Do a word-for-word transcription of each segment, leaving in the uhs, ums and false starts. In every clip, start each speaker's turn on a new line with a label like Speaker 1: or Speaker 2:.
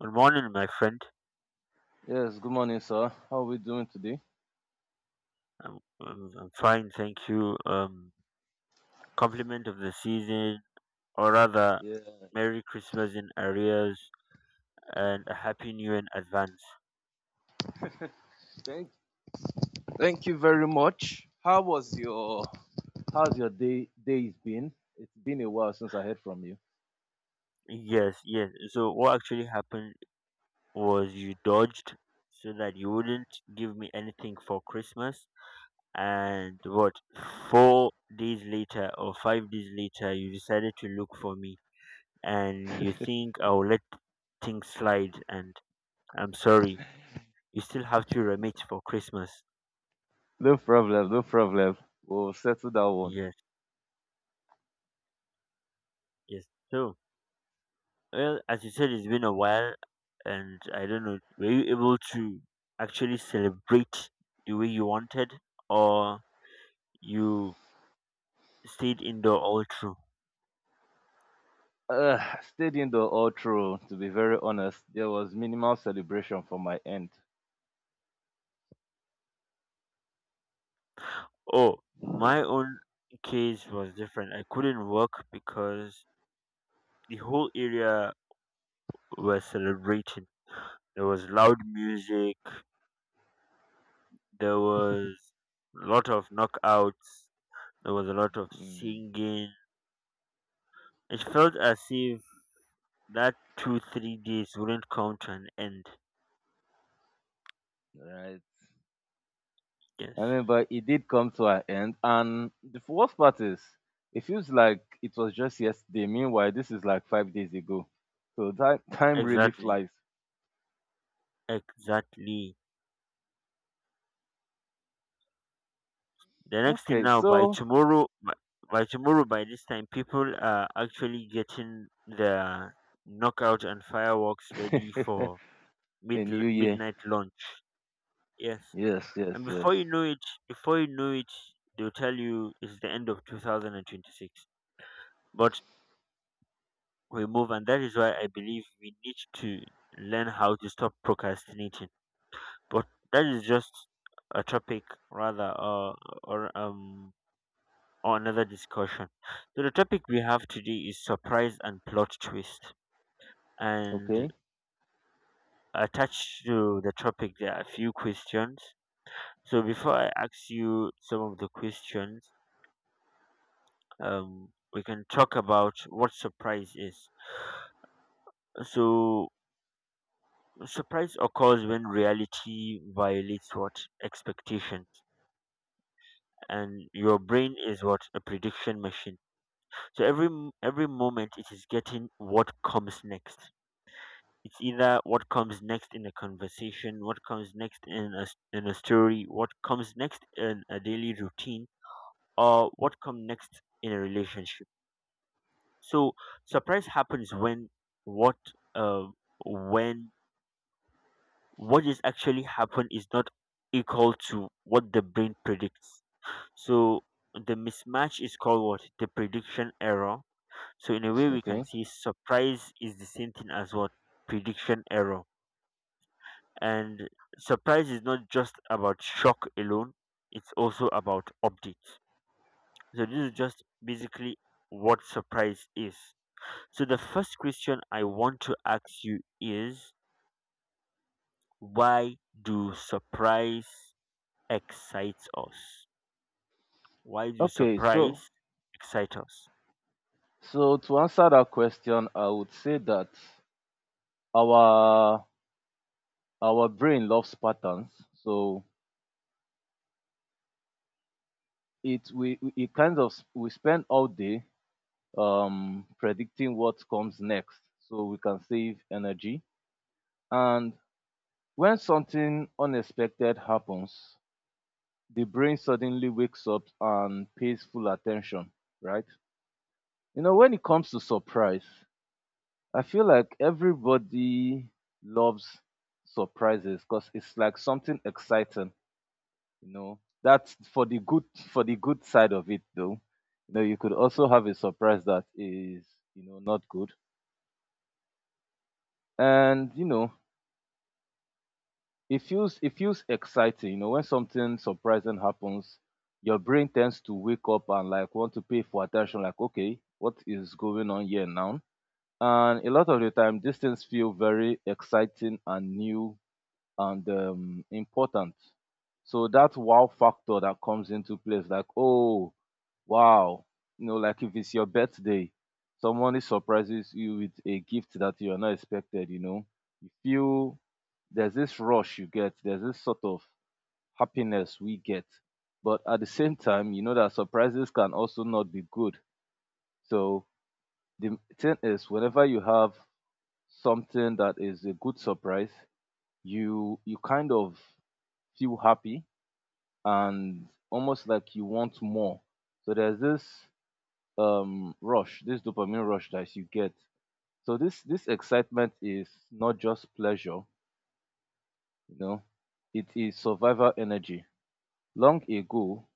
Speaker 1: Good morning, my friend.
Speaker 2: Yes, good morning, sir. How are we doing today?
Speaker 1: I'm, I'm, I'm fine, thank you. Um, compliment of the season, or rather,
Speaker 2: Yeah.
Speaker 1: Merry Christmas in arrears and a Happy New Year in advance.
Speaker 2: Thank you very much. How was your How's your day day's been? It's been a while since I heard from you.
Speaker 1: Yes, yes. So, what actually happened was you dodged so that you wouldn't give me anything for Christmas. And what, four days later or five days later, you decided to look for me and you think I'll let things slide. And I'm sorry, you still have to remit for Christmas.
Speaker 2: No problem, no problem. We'll settle that one.
Speaker 1: Yes, yes. So, well, as you said, it's been a while, and I don't know, were you able to actually celebrate the way you wanted, or you stayed indoor all through?
Speaker 2: Uh, Stayed indoor all through, to be very honest. There was minimal celebration from my end.
Speaker 1: Oh, my own case was different. I couldn't work because the whole area was celebrating. There was loud music, there was a lot of knockouts, there was a lot of
Speaker 2: Mm,
Speaker 1: singing. It felt as if that two, three days wouldn't come to an end.
Speaker 2: right.
Speaker 1: Yes,
Speaker 2: I mean, but it did come to an end. And the worst part is, it feels like it was just yesterday. Meanwhile, this is like five days ago. So that time really
Speaker 1: exactly,
Speaker 2: flies.
Speaker 1: exactly. The next thing
Speaker 2: Okay,
Speaker 1: now, by
Speaker 2: so
Speaker 1: tomorrow, by, by tomorrow, by this time, people are actually getting their knockout and fireworks ready for
Speaker 2: a
Speaker 1: mid
Speaker 2: new year.
Speaker 1: midnight launch. Yes,
Speaker 2: Yes, yes,
Speaker 1: and
Speaker 2: yes.
Speaker 1: before you know it, before you know it, they'll tell you it's the end of two thousand twenty-six. But we move, and that is why I believe we need to learn how to stop procrastinating. But that is just a topic rather uh, or um or another discussion. So the topic we have today is surprise and plot twist. And
Speaker 2: Okay,
Speaker 1: attached to the topic there are a few questions. So before I ask you some of the questions, um we can talk about what surprise is. So surprise occurs when reality violates what, expectations, and your brain is what, a prediction machine. So every m- every moment it is getting what comes next. It's either what comes next in a conversation, what comes next in a s- in a story, what comes next in a daily routine, or what comes next in a relationship. So surprise happens when what uh, when what is actually happened is not equal to what the brain predicts. So the mismatch is called what, the prediction error. So in a way, we can
Speaker 2: okay,
Speaker 1: see surprise is the same thing as what, prediction error. And surprise is not just about shock alone; it's also about updates. So this is just basically what surprise is. So the first question I want to ask you is, why do surprise excites us? Why do
Speaker 2: okay. So,
Speaker 1: surprise excite us?
Speaker 2: so to answer that question, I would say that our our brain loves patterns. So it we we- it kind of s- we spend all day um predicting what comes next, so we can save energy. And when something unexpected happens, the brain suddenly wakes up and pays full attention, right? You know, when it comes to surprise, I feel like everybody loves surprises because it's like something exciting, you know. That's for the good for the good side of it though. You know, you could also have a surprise that is, you know, not good. And you know, it feels it feels exciting, you know. When something surprising happens, your brain tends to wake up and like want to pay for attention, like, okay, what is going on here now? And a lot of the time these things feel very exciting and new, and um, important. So that wow factor that comes into place, like, oh, wow. You know, like, if it's your birthday, someone surprises you with a gift that you are not expected, you know, you feel there's this rush you get, there's this sort of happiness we get. But at the same time, you know that surprises can also not be good. So the thing is, whenever you have something that is a good surprise, you you kind of feel happy and almost like you want more. So there's this um rush, this dopamine rush that you get. So this this excitement is not just pleasure, you know, it is survival energy. Long ago,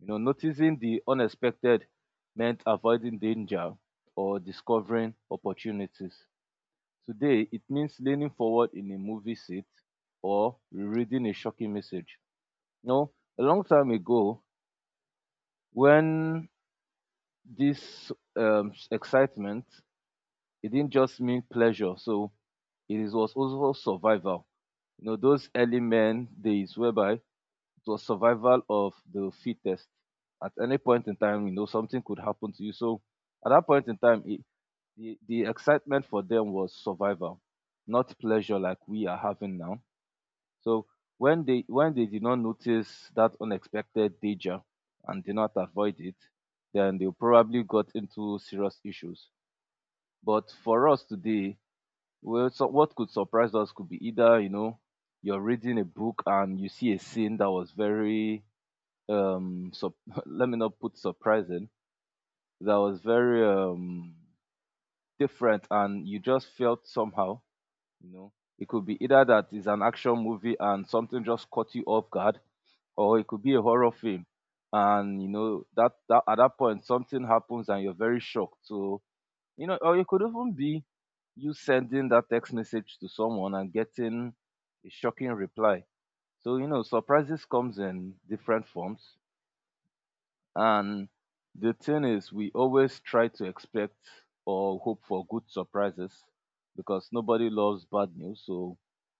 Speaker 2: you know, noticing the unexpected meant avoiding danger or discovering opportunities. Today, it means leaning forward in a movie seat or reading a shocking message. No, a long time ago, when this um, excitement, it didn't just mean pleasure. So it is- was also survival. You know, those early men days whereby it was survival of the fittest. At any point in time, you know, something could happen to you. So at that point in time, it, the, the excitement for them was survival, not pleasure like we are having now. So when they when they did not notice that unexpected danger and did not avoid it, then they probably got into serious issues. But for us today, well, so what could surprise us could be either, you know, you're reading a book and you see a scene that was very um sup let me not put surprising, that was very um different, and you just felt somehow, you know. It could be either that it's an action movie and something just caught you off guard, or it could be a horror film, and you know that, that at that point something happens and you're very shocked. So, you know, or it could even be you sending that text message to someone and getting a shocking reply. So, you know, surprises comes in different forms. And the thing is, we always try to expect or hope for good surprises because nobody loves bad news. So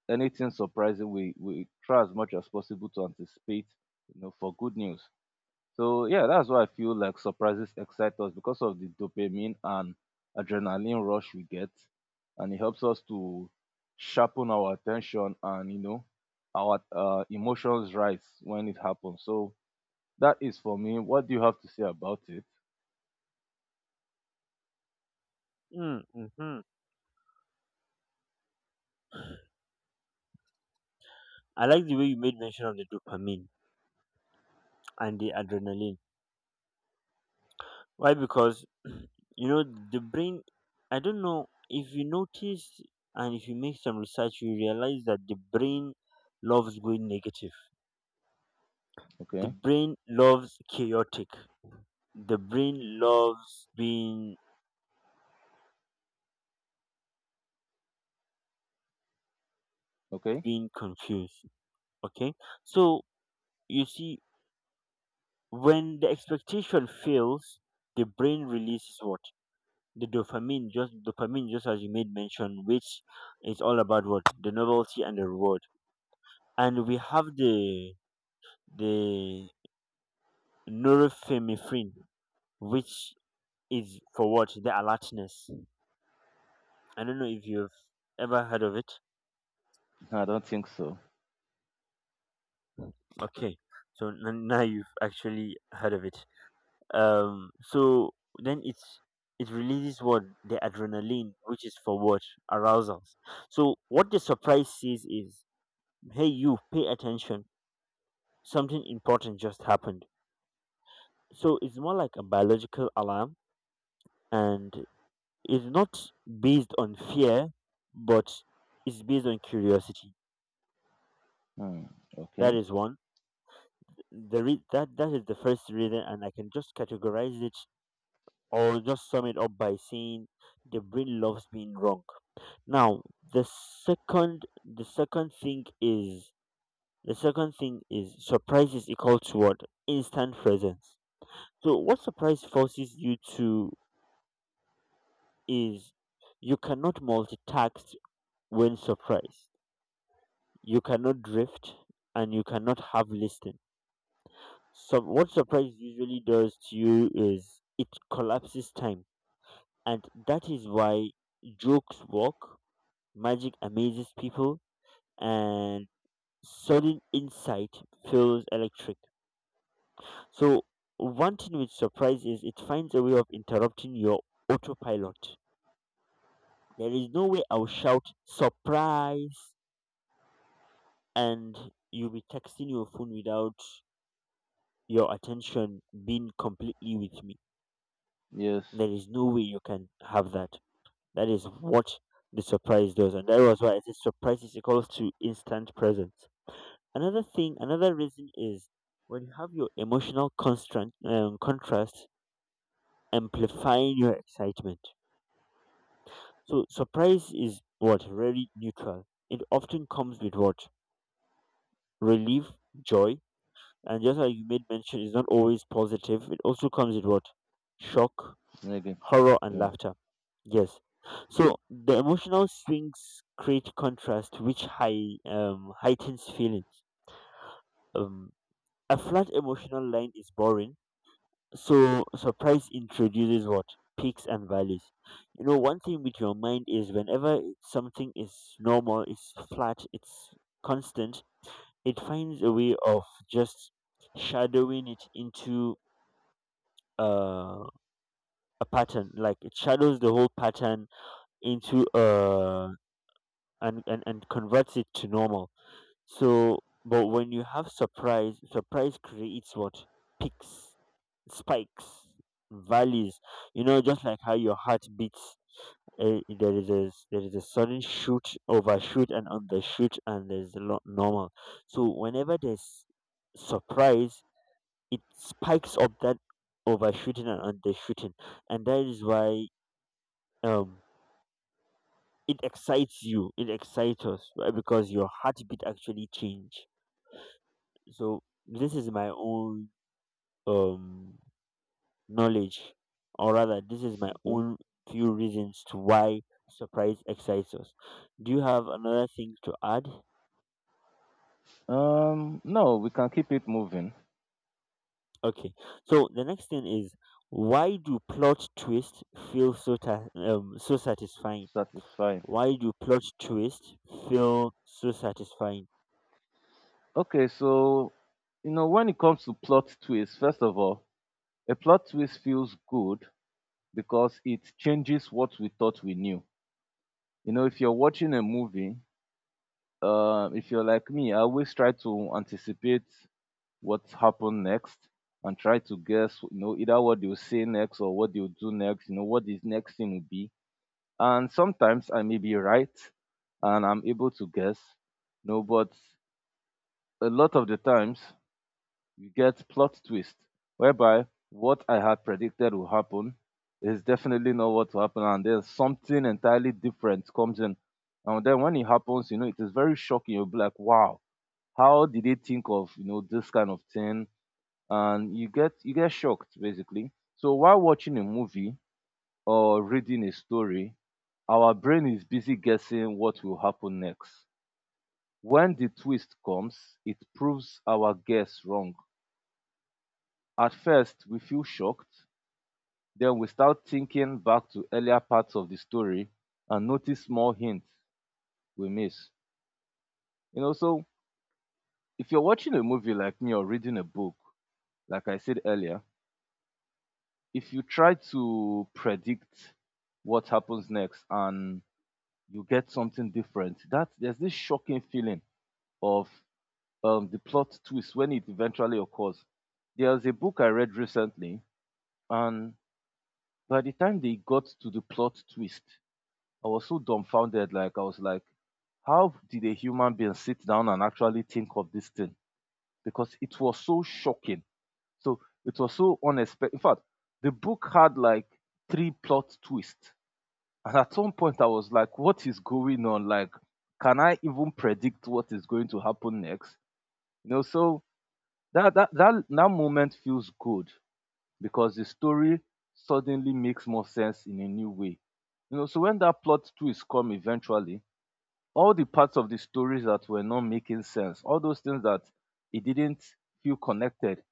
Speaker 2: anything surprising, we we try as much as possible to anticipate, you know, for good news. So yeah, that's why I feel like surprises excite us because of the dopamine and adrenaline rush we get, and it helps us to sharpen our attention, and you know, our uh, emotions rise when it happens. So that is for me. What do you have to say about it?
Speaker 1: Mm-hmm. I like the way you made mention of the dopamine and the adrenaline. Why? Because you know the brain. I don't know if you notice, and if you make some research, you realize that the brain loves going negative. The
Speaker 2: Okay,
Speaker 1: brain loves chaotic. The brain loves being
Speaker 2: okay.
Speaker 1: being confused. Okay, so you see, when the expectation fails, the brain releases what, the dopamine just dopamine, just as you made mention, which is all about what, the novelty and the reward. And we have the the norepinephrine, which is for what? The alertness. I don't know if you've ever heard of it.
Speaker 2: I don't think so.
Speaker 1: Okay, so n- now you've actually heard of it. Um, so then it's, it releases what, the adrenaline, which is for what, arousals. So what the surprise says is, hey, you pay attention. Something important just happened. So it's more like a biological alarm, and is not based on fear, but is based on curiosity.
Speaker 2: Hmm.
Speaker 1: That
Speaker 2: Okay.
Speaker 1: is one. The re- that that is the first reason, and I can just categorize it or just sum it up by saying the brain loves being wrong. Now, the second the second thing is the second thing is, surprise is equal to what, instant presence. So what surprise forces you to is, you cannot multitask when surprised, you cannot drift, and you cannot have listing. So what surprise usually does to you is it collapses time. And that is why jokes work, magic amazes people, and sudden insight feels electric. So one thing with surprise is it finds a way of interrupting your autopilot. There is no way I'll shout surprise and you'll be texting your phone without your attention being completely with me.
Speaker 2: Yes.
Speaker 1: There is no way you can have that. That is what the surprise does, and that was why I said surprise is equals to instant presence. Another thing, another reason is when you have your emotional constant um, contrast amplifying your excitement. So surprise is what, really neutral. It often comes with what, relief, joy, and just like you made mention, it's not always positive. It also comes with what, shock,
Speaker 2: Negative.
Speaker 1: horror and
Speaker 2: Yeah.
Speaker 1: laughter. Yes. So the emotional swings create contrast, which high, um, heightens feelings. Um, a flat emotional line is boring, so surprise introduces what, peaks and valleys. You know, one thing with your mind is whenever something is normal, it's flat, it's constant, it finds a way of just shadowing it into uh, a pattern. Like it shadows the whole pattern into a and and and converts it to normal. So but when you have surprise surprise creates what, peaks, spikes, valleys, you know, just like how your heart beats. Uh, there is a s- there is a sudden shoot, overshoot and undershoot, and there's a lot normal. So whenever there's surprise, it spikes up that overshooting and undershooting, and that is why um it excites you, it excites us, right? Because your heartbeat actually change. So this is my own um knowledge, or rather, this is my
Speaker 2: Okay.
Speaker 1: own few reasons to why surprise excites us. Do you have another thing to add?
Speaker 2: Um. No, we can keep it moving.
Speaker 1: Okay, so the next thing is, why do plot twists feel so ta- um, so satisfying?
Speaker 2: Satisfying.
Speaker 1: Why do plot twists feel so satisfying?
Speaker 2: Okay. So, you know, when it comes to plot twists, first of all, a plot twist feels good because it changes what we thought we knew. You know, if you're watching a movie, uh, if you're like me, I always try to anticipate what happened next and try to guess, you know, either what they'll say next or what they'll do next, you know, what this next thing will be. And sometimes I may be right and I'm able to guess, you know, but a lot of the times you get plot twist whereby what I had predicted will happen is definitely not what will happen, and then something entirely different comes in. And then when it happens, you know, it is very shocking. You'll be like, wow, how did they think of, you know, this kind of thing? And you get you get shocked basically. So while watching a movie or reading a story, our brain is busy guessing what will happen next. When the twist comes, it proves our guess wrong. At first, we feel shocked. Then we start thinking back to earlier parts of the story and notice small hints we miss. You know, so if you're watching a movie like me or reading a book, like I said earlier, if you try to predict what happens next and you get something different, that there's this shocking feeling of um, the plot twist when it eventually occurs. There's a book I read recently, and by the time they got to the plot twist, I was so dumbfounded. Like, I was like, how did a human being sit down and actually think of this thing? Because it was so shocking. So it was so unexpected. In fact, the book had like three plot twists. And at some point I was like, what is going on? Like, can I even predict what is going to happen next? You know, so that that that, that moment feels good because the story suddenly makes more sense in a new way. You know, so when that plot twist come eventually, all the parts of the stories that were not making sense, all those things that it didn't feel connected,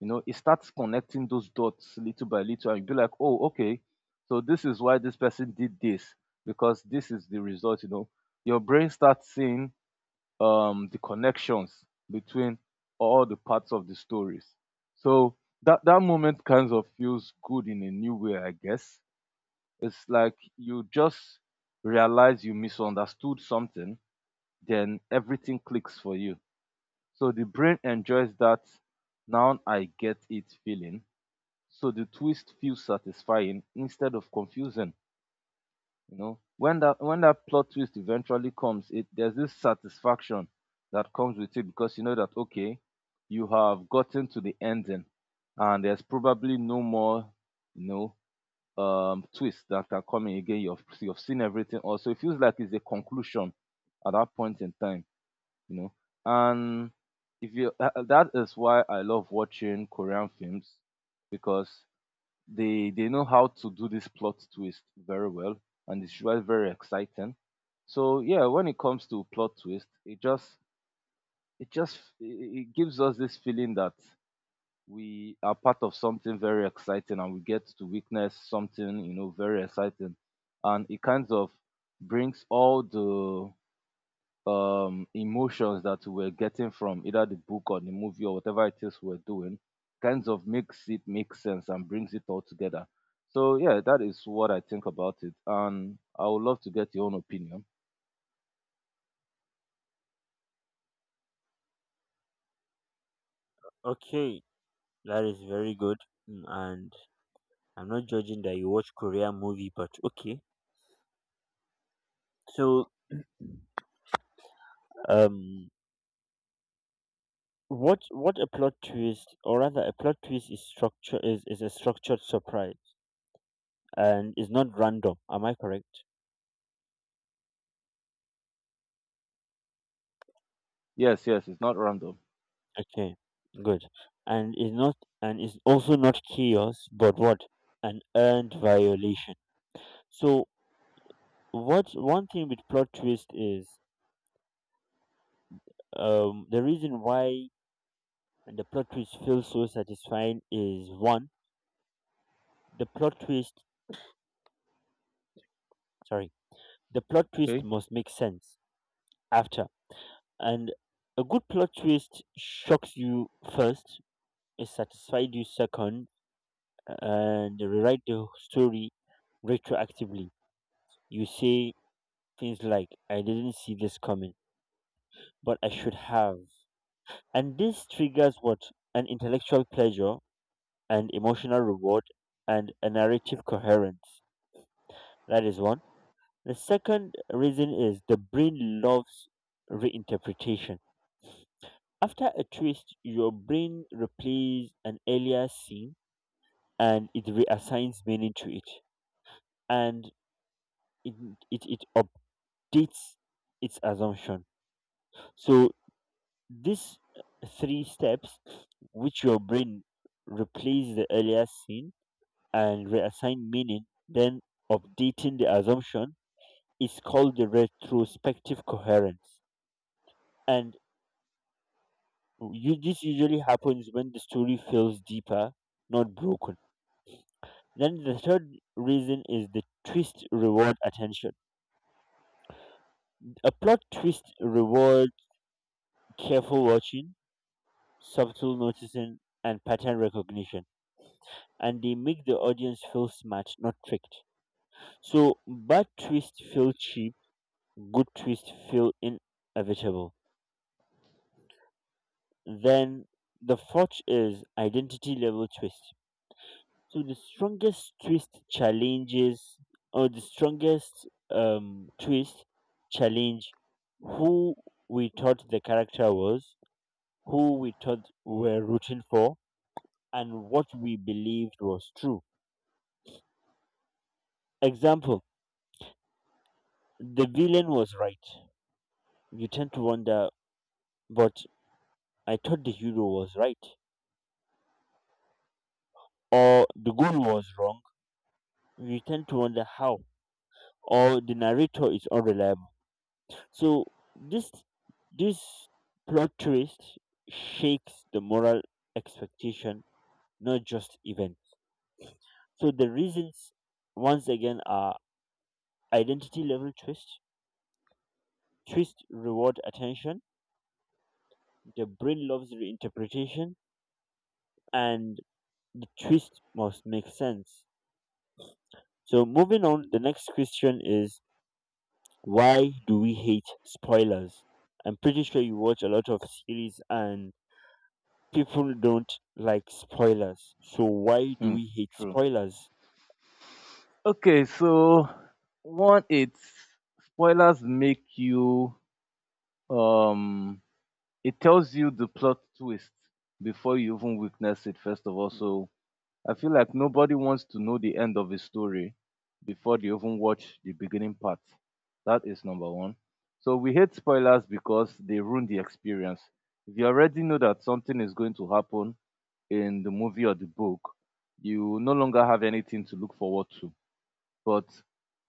Speaker 2: you know, it starts connecting those dots little by little, and you be like, oh, okay, so this is why this person did this, because this is the result, you know. Your brain starts seeing um, the connections between all the parts of the stories. So that that moment kind of feels good in a new way, I guess. It's like you just realize you misunderstood something, then everything clicks for you. So the brain enjoys that now I get it feeling. So the twist feels satisfying instead of confusing. You know, when that when that plot twist eventually comes, it there's this satisfaction that comes with it because you know that, okay, you have gotten to the ending and there's probably no more, you know, um twists that are coming again. You've you've seen everything also. It feels like it's a conclusion at that point in time, you know. And if you uh, uh, that is why I love watching Korean films because they they know how to do this plot twist very well, and it's usually very exciting. So yeah, when it comes to plot twist, it just it just it it gives us this feeling that we are part of something very exciting and we get to witness something, you know, very exciting. And it kind of brings all the um, emotions that we were getting from either the book or the movie or whatever it is we're doing, kinds of makes it make sense and brings it all together. So yeah, that is what I think about it, and I would love to get your own opinion.
Speaker 1: Okay, that is very good. Mm, and I'm not judging that you watch Korean movie, but okay. So, um, what what a plot twist, or rather, a plot twist is structure is is a structured surprise and is not random. Am I correct?
Speaker 2: Yes, yes, it's not random.
Speaker 1: Okay, good. And is not, and is also not chaos, but what, an earned violation. So, what, one thing with plot twist is, um, the reason why the plot twist feels so satisfying is, one, the plot twist. Sorry, the plot twist
Speaker 2: Okay.
Speaker 1: must make sense after. And a good plot twist shocks you first, it satisfies you second, and rewrite the story retroactively. You say things like, I didn't see this coming, but I should have. And this triggers what? An intellectual pleasure, an emotional reward, and a narrative coherence. That is one. The second reason is, the brain loves reinterpretation. After a twist, your brain replays an earlier scene and it reassigns meaning to it, and it, it, it updates its assumption. So, these three steps, which your brain replays the earlier scene and reassign meaning, then updating the assumption, is called the retrospective coherence. And you, this usually happens when the story feels deeper, not broken. Then the third reason is the twist reward attention. A plot twist reward careful watching, subtle noticing, and pattern recognition. And they make the audience feel smart, not tricked. So bad twist feel cheap, good twist feel inevitable. Then the fourth is identity level twist. So the strongest twist challenges, or the strongest um, twist challenge, who we thought the character was, who we thought we're rooting for, and what we believed was true. Example: the villain was right. You tend to wonder, but I thought the hero was right, or the goal was wrong. You tend to wonder how, or the narrator is unreliable. So this this plot twist shakes the moral expectation, not just event. So the reasons once again are identity level twist, twist reward attention, the brain loves reinterpretation, and the twist must make sense. So moving on, the next question is, why do we hate spoilers? I'm pretty sure you watch a lot of series and people don't like spoilers. So why do
Speaker 2: Hmm,
Speaker 1: we hate
Speaker 2: true.
Speaker 1: spoilers?
Speaker 2: Okay, so one, it's spoilers make you um, it tells you the plot twist before you even witness it. First of all, so I feel like nobody wants to know the end of a story before they even watch the beginning part. That is number one. So we hate spoilers because they ruin the experience. If you already know that something is going to happen in the movie or the book, you no longer have anything to look forward to. But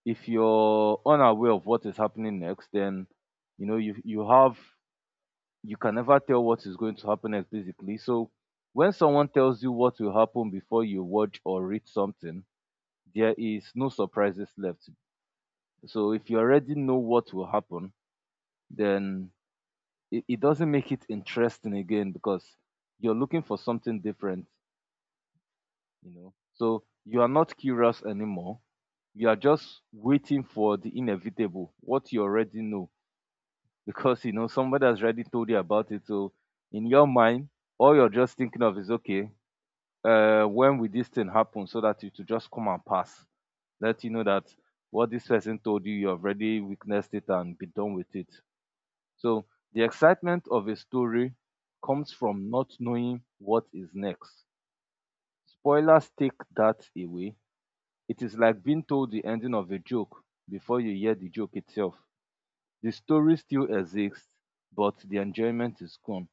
Speaker 2: if you're unaware of what is happening next, then you know you you have you can never tell what is going to happen next basically. So when someone tells you what will happen before you watch or read something, there is no surprises left. So if you already know what will happen, then it, it doesn't make it interesting again because you're looking for something different, you know. So you are not curious anymore. You are just waiting for the inevitable, what you already know, because you know somebody has already told you about it. So in your mind, all you're just thinking of is okay, uh, when will this thing happen so that it will just come and pass? Let you know that what this person told you, you have already witnessed it and be done with it. So the excitement of a story comes from not knowing what is next. Spoilers take that away. It is like being told the ending of a joke before you hear the joke itself. The story still exists, but the enjoyment is gone.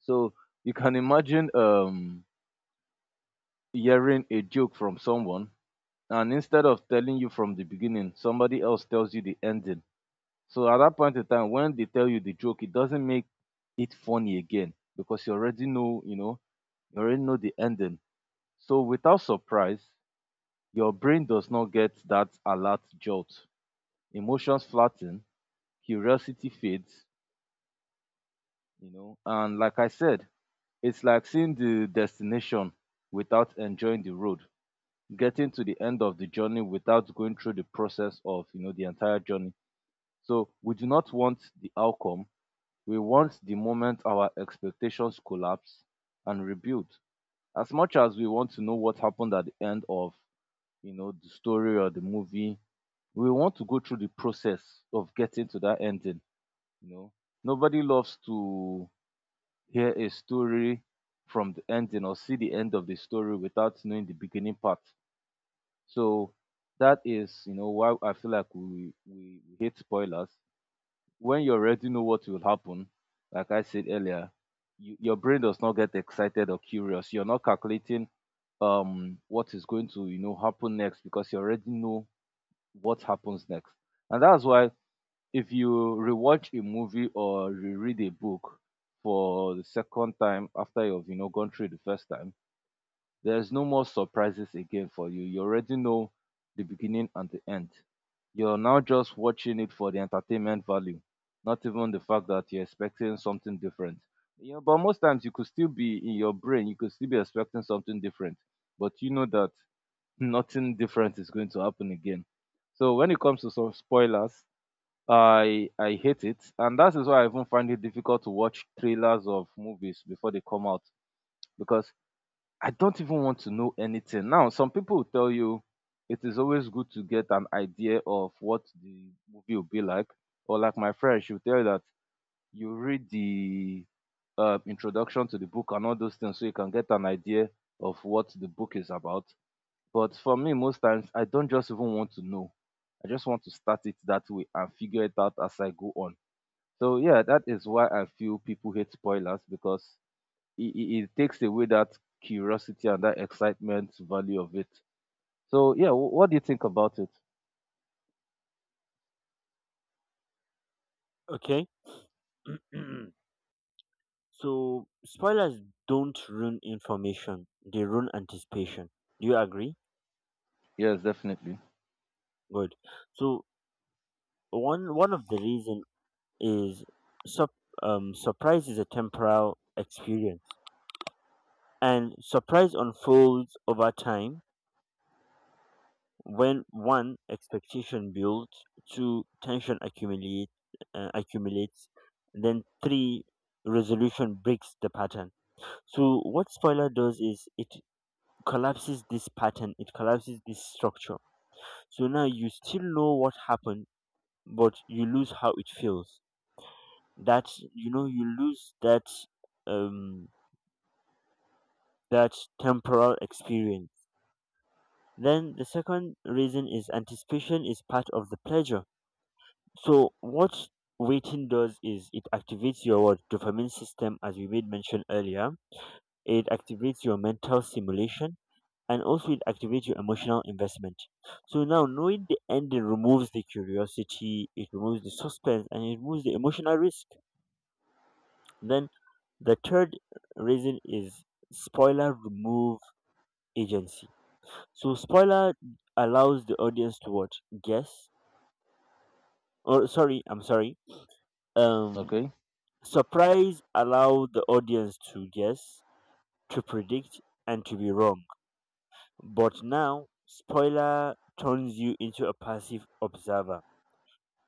Speaker 2: So you can imagine um, hearing a joke from someone, and instead of telling you from the beginning, somebody else tells you the ending. So at that point in time, when they tell you the joke, it doesn't make it funny again because you already know, you know, you already know the ending. So without surprise, your brain does not get that alert jolt. Emotions flatten, curiosity fades, you know, and like I said, it's like seeing the destination without enjoying the road. Getting to the end of the journey without going through the process of, you know, the entire journey. So we do not want the outcome. We want the moment our expectations collapse and rebuild. As much as we want to know what happened at the end of, you know, the story or the movie, we want to go through the process of getting to that ending, you know. Nobody loves to hear a story from the ending or see the end of the story without knowing the beginning part. So that is, you know, why I feel like we we, we hate spoilers. When you already know what will happen, like I said earlier, you, your brain does not get excited or curious. You're not calculating um what is going to, you know, happen next because you already know what happens next. And that's why if you rewatch a movie or reread a book for the second time after you've, you know, gone through the first time, there's no more surprises again for you. You already know the beginning and the end. You're now just watching it for the entertainment value, not even the fact that you're expecting something different. You know, but most times you could still be in your brain, you could still be expecting something different, but you know that nothing different is going to happen again. So when it comes to some spoilers, I I hate it, and that is why I even find it difficult to watch trailers of movies before they come out because I don't even want to know anything. Now, some people will tell you it is always good to get an idea of what the movie will be like. Or like my friend, she'll tell you that you read the uh, introduction to the book and all those things so you can get an idea of what the book is about. But for me, most times I don't just even want to know. I just want to start it that way and figure it out as I go on. So yeah, that is why I feel people hate spoilers because it, it, it takes away that curiosity and that excitement value of it. So yeah, wh- what do you think about it?
Speaker 1: Okay. So spoilers don't ruin information. They ruin anticipation. Do you agree?
Speaker 2: Yes, definitely.
Speaker 1: Good. So one one of the reason is sup um, surprise is a temporal experience, and surprise unfolds over time. When, one, expectation builds, two, tension accumulate uh, accumulates, and then three, resolution breaks the pattern. So what spoiler does is it collapses this pattern, it collapses this structure. So now you still know what happened, but you lose how it feels. That, you know, you lose that um that temporal experience. Then the second reason is, anticipation is part of the pleasure. So what waiting does is it activates your what, dopamine system, as we made mention earlier. It activates your mental stimulation, and also it activates your emotional investment. So now knowing the ending removes the curiosity, it removes the suspense and it removes the emotional risk. Then the third reason is spoiler remove agency. So spoiler allows the audience to what, guess. Or sorry, I'm sorry. um.
Speaker 2: Okay.
Speaker 1: Surprise allowed the audience to guess, to predict, and to be wrong. But now, spoiler turns you into a passive observer.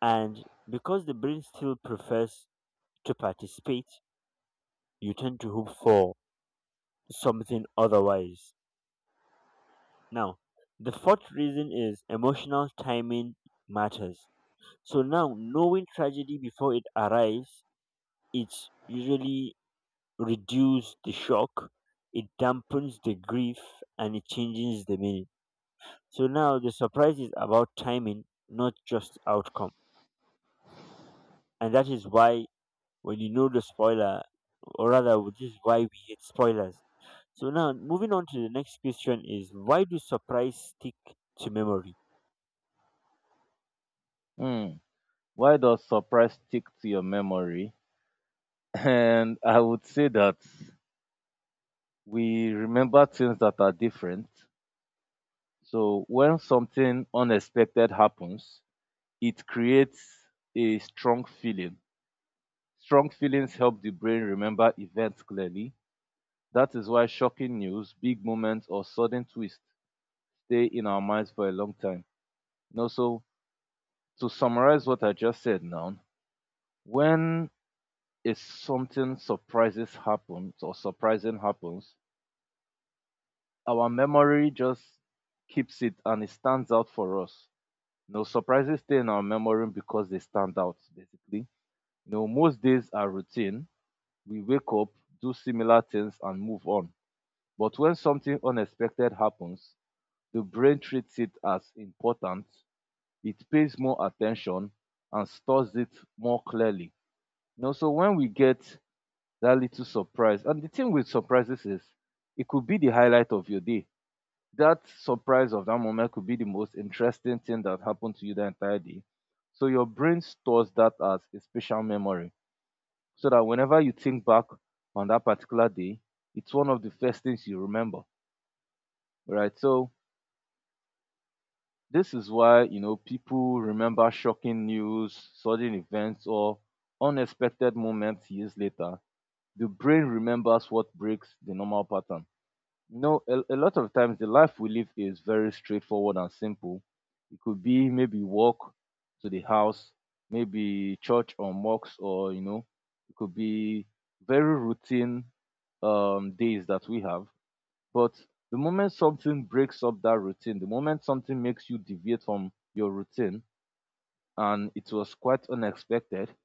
Speaker 1: And because the brain still prefers to participate, you tend to hope for something otherwise. Now, the fourth reason is emotional timing matters. So now, knowing tragedy before it arrives, it usually reduce the shock, it dampens the grief, and it changes the meaning. So now the surprise is about timing, not just outcome. And that is why when you know the spoiler, or rather, which is why we hate spoilers. So now, moving on to the next question is, why do surprise stick to memory?
Speaker 2: Hmm. Why does surprise stick to your memory? And I would say that we remember things that are different. So when something unexpected happens, it creates a strong feeling. Strong feelings help the brain remember events clearly. That is why shocking news, big moments, or sudden twists stay in our minds for a long time. You know, so to summarize what I just said now, when is something surprises happens or surprising happens, our memory just keeps it and it stands out for us. You know, surprises stay in our memory because they stand out basically. You know, most days are routine. We wake up, do similar things and move on. But when something unexpected happens, the brain treats it as important, it pays more attention and stores it more clearly. You know, so when we get that little surprise, and the thing with surprises is it could be the highlight of your day. That surprise of that moment could be the most interesting thing that happened to you the entire day. So your brain stores that as a special memory. So that whenever you think back on that particular day, it's one of the first things you remember. Right. So this is why, you know, people remember shocking news, sudden events, or unexpected moments years later. The brain remembers what breaks the normal pattern. You know, a, a lot of times the life we live is very straightforward and simple. It could be maybe walk to the house, maybe church or mosque, or, you know, it could be very routine um, days that we have. But the moment something breaks up that routine, the moment something makes you deviate from your routine and it was quite unexpected,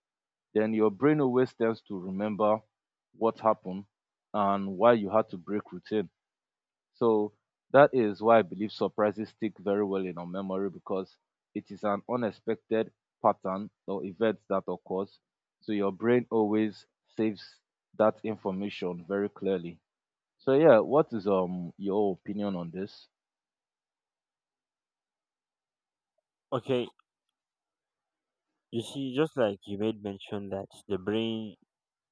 Speaker 2: then your brain always tends to remember what happened and why you had to break routine. So that is why I believe surprises stick very well in our memory because it is an unexpected pattern or event that occurs. So your brain always saves that information very clearly. So yeah, what is um your opinion on this?
Speaker 1: Okay, you see, just like you made mention that the brain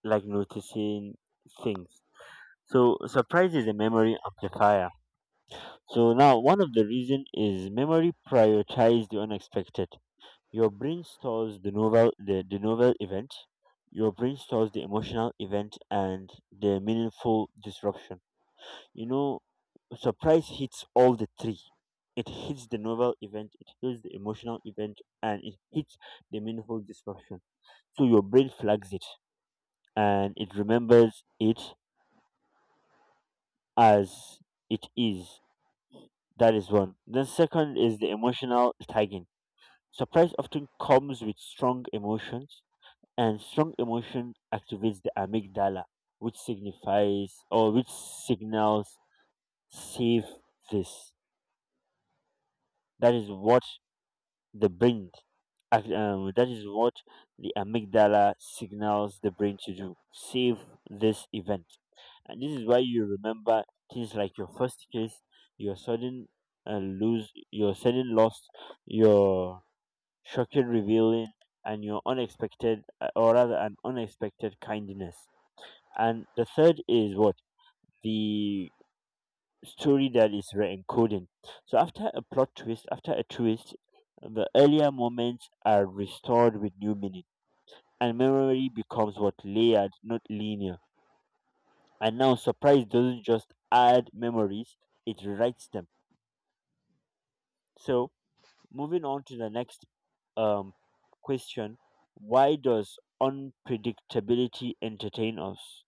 Speaker 1: like noticing things. So surprise is a memory amplifier. So now, one of the reason is memory prioritize the unexpected. Your brain stores the novel, the, the novel event, your brain stores the emotional event and the meaningful disruption. You know, surprise hits all the three. It hits the novel event, it hits the emotional event, and it hits the meaningful disruption. So your brain flags it and it remembers it as it is. That is one. Then second is the emotional tagging. Surprise often comes with strong emotions, and strong emotion activates the amygdala, which signifies or which signals save this. That is what the brain, ac- um, that is what the amygdala signals the brain to do. Save this event, and this is why you remember things like your first kiss, your sudden uh, lose, your sudden loss, your shocking, revealing, and your unexpected, uh, or rather, an unexpected kindness. And the third is what the story, that is re-encoding. So after a plot twist, after a twist, the earlier moments are restored with new meaning, and memory becomes what layered, not linear. And now surprise doesn't just add memories; it rewrites them. So, moving on to the next um, question. Why does unpredictability entertain us?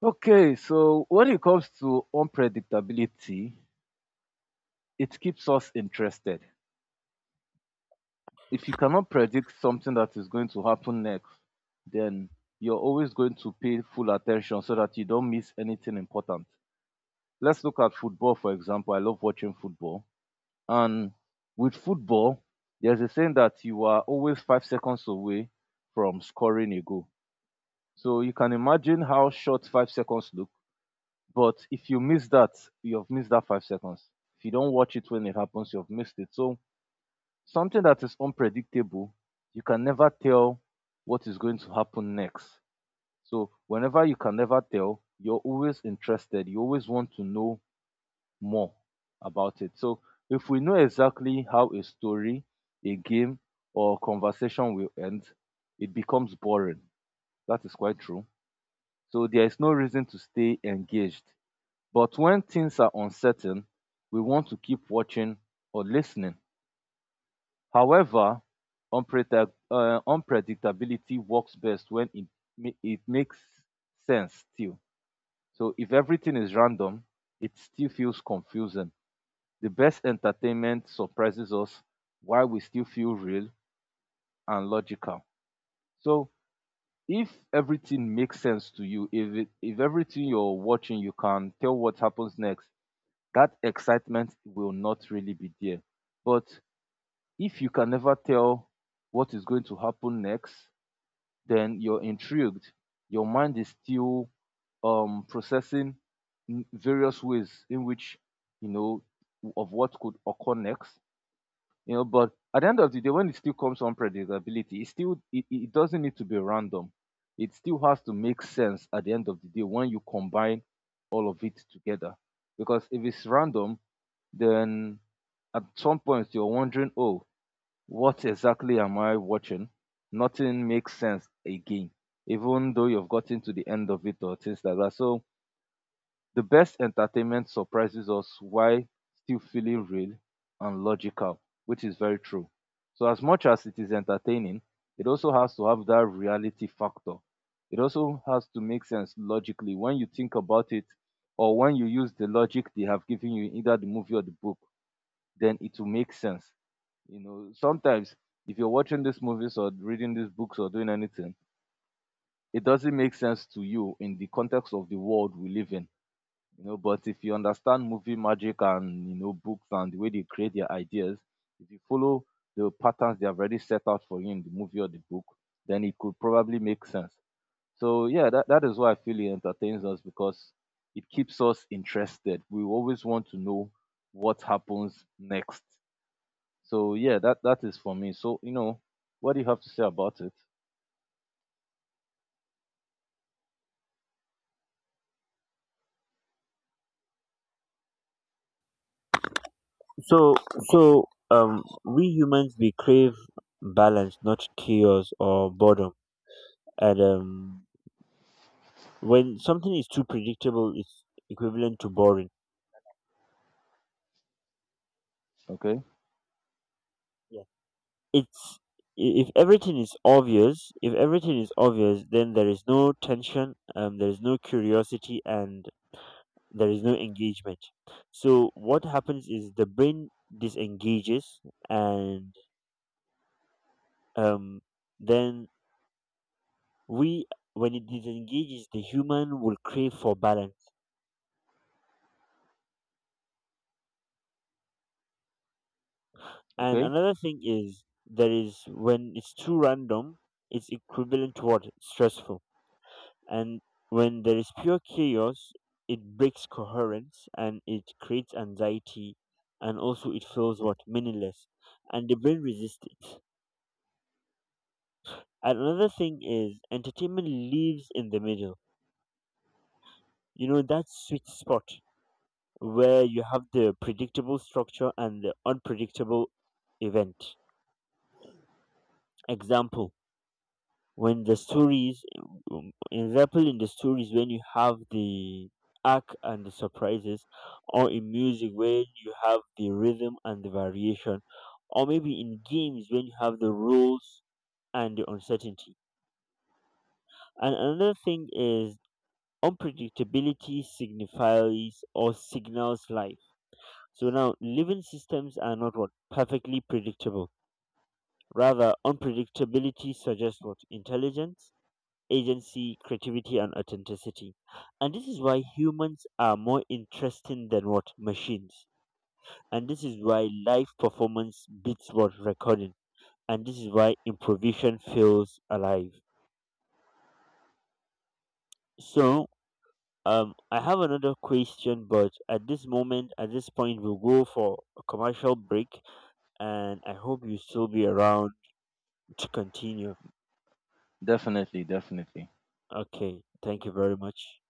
Speaker 2: Okay, so when it comes to unpredictability, it keeps us interested. If you cannot predict something that is going to happen next, then you're always going to pay full attention so that you don't miss anything important. Let's look at football, for example. I love watching football. And with football, there's a saying that you are always five seconds away from scoring a goal. So you can imagine how short five seconds look. But if you miss that, you've missed that five seconds. If you don't watch it when it happens, you've missed it. So something that is unpredictable, you can never tell what is going to happen next. So whenever you can never tell, you're always interested. You always want to know more about it. So if we know exactly how a story, a game, or conversation will end, it becomes boring. That is quite true. So there is no reason to stay engaged, but when things are uncertain, we want to keep watching or listening. However, unpredict- uh, unpredictability works best when it, ma- it makes sense still. So if everything is random, it still feels confusing. The best entertainment surprises us while we still feel real and logical. So if everything makes sense to you, if it, if everything you're watching, you can tell what happens next, that excitement will not really be there. But if you can never tell what is going to happen next, then you're intrigued. Your mind is still um, processing n- various ways in which, you know, of what could occur next. You know, but at the end of the day, when it still comes on predictability, it still it, it doesn't need to be random. It still has to make sense at the end of the day when you combine all of it together. Because if it's random, then at some point you're wondering, oh, what exactly am I watching? Nothing makes sense again, even though you've gotten to the end of it or things like that. So the best entertainment surprises us while still feeling real and logical, which is very true. So as much as it is entertaining, it also has to have that reality factor. It also has to make sense logically when you think about it or when you use the logic they have given you, in either the movie or the book, then it will make sense. You know, sometimes if you're watching these movies or reading these books or doing anything, it doesn't make sense to you in the context of the world we live in. You know, but if you understand movie magic and you know books and the way they create their ideas, if you follow the patterns they have already set out for you in the movie or the book, then it could probably make sense. So yeah, that, that is why I feel it entertains us because it keeps us interested. We always want to know what happens next. So yeah, that that is for me. So you know, what do you have to say about it?
Speaker 1: So, so um, we humans, we crave balance, not chaos or boredom. And um, when something is too predictable, it's equivalent to boring.
Speaker 2: Okay,
Speaker 1: Yeah. It's i- if everything is obvious, if everything is obvious, then there is no tension, um, there is no curiosity, and there is no engagement. So what happens is the brain disengages, and um, then we, when it disengages, the human will crave for balance. And
Speaker 2: okay,
Speaker 1: another thing is, there is, when it's too random it's equivalent to what stressful, and when there is pure chaos it breaks coherence and it creates anxiety, and also it feels what meaningless, and the brain resists it. And another thing is entertainment lives in the middle. You know, that sweet spot where you have the predictable structure and the unpredictable event. Example, when the stories, um, example in the stories when you have the arc and the surprises, or in music when you have the rhythm and the variation, or maybe in games when you have the rules and the uncertainty. And another thing is, unpredictability signifies or signals life. So now, living systems are not what perfectly predictable. Rather, unpredictability suggests what intelligence, agency, creativity, and authenticity. And this is why humans are more interesting than what machines. And this is why live performance beats what recording. And this is why improvisation feels alive. So, Um, I have another question, but at this moment, at this point, we'll go for a commercial break, and I hope you still be around to continue.
Speaker 2: definitely, definitely.
Speaker 1: Okay, thank you very much.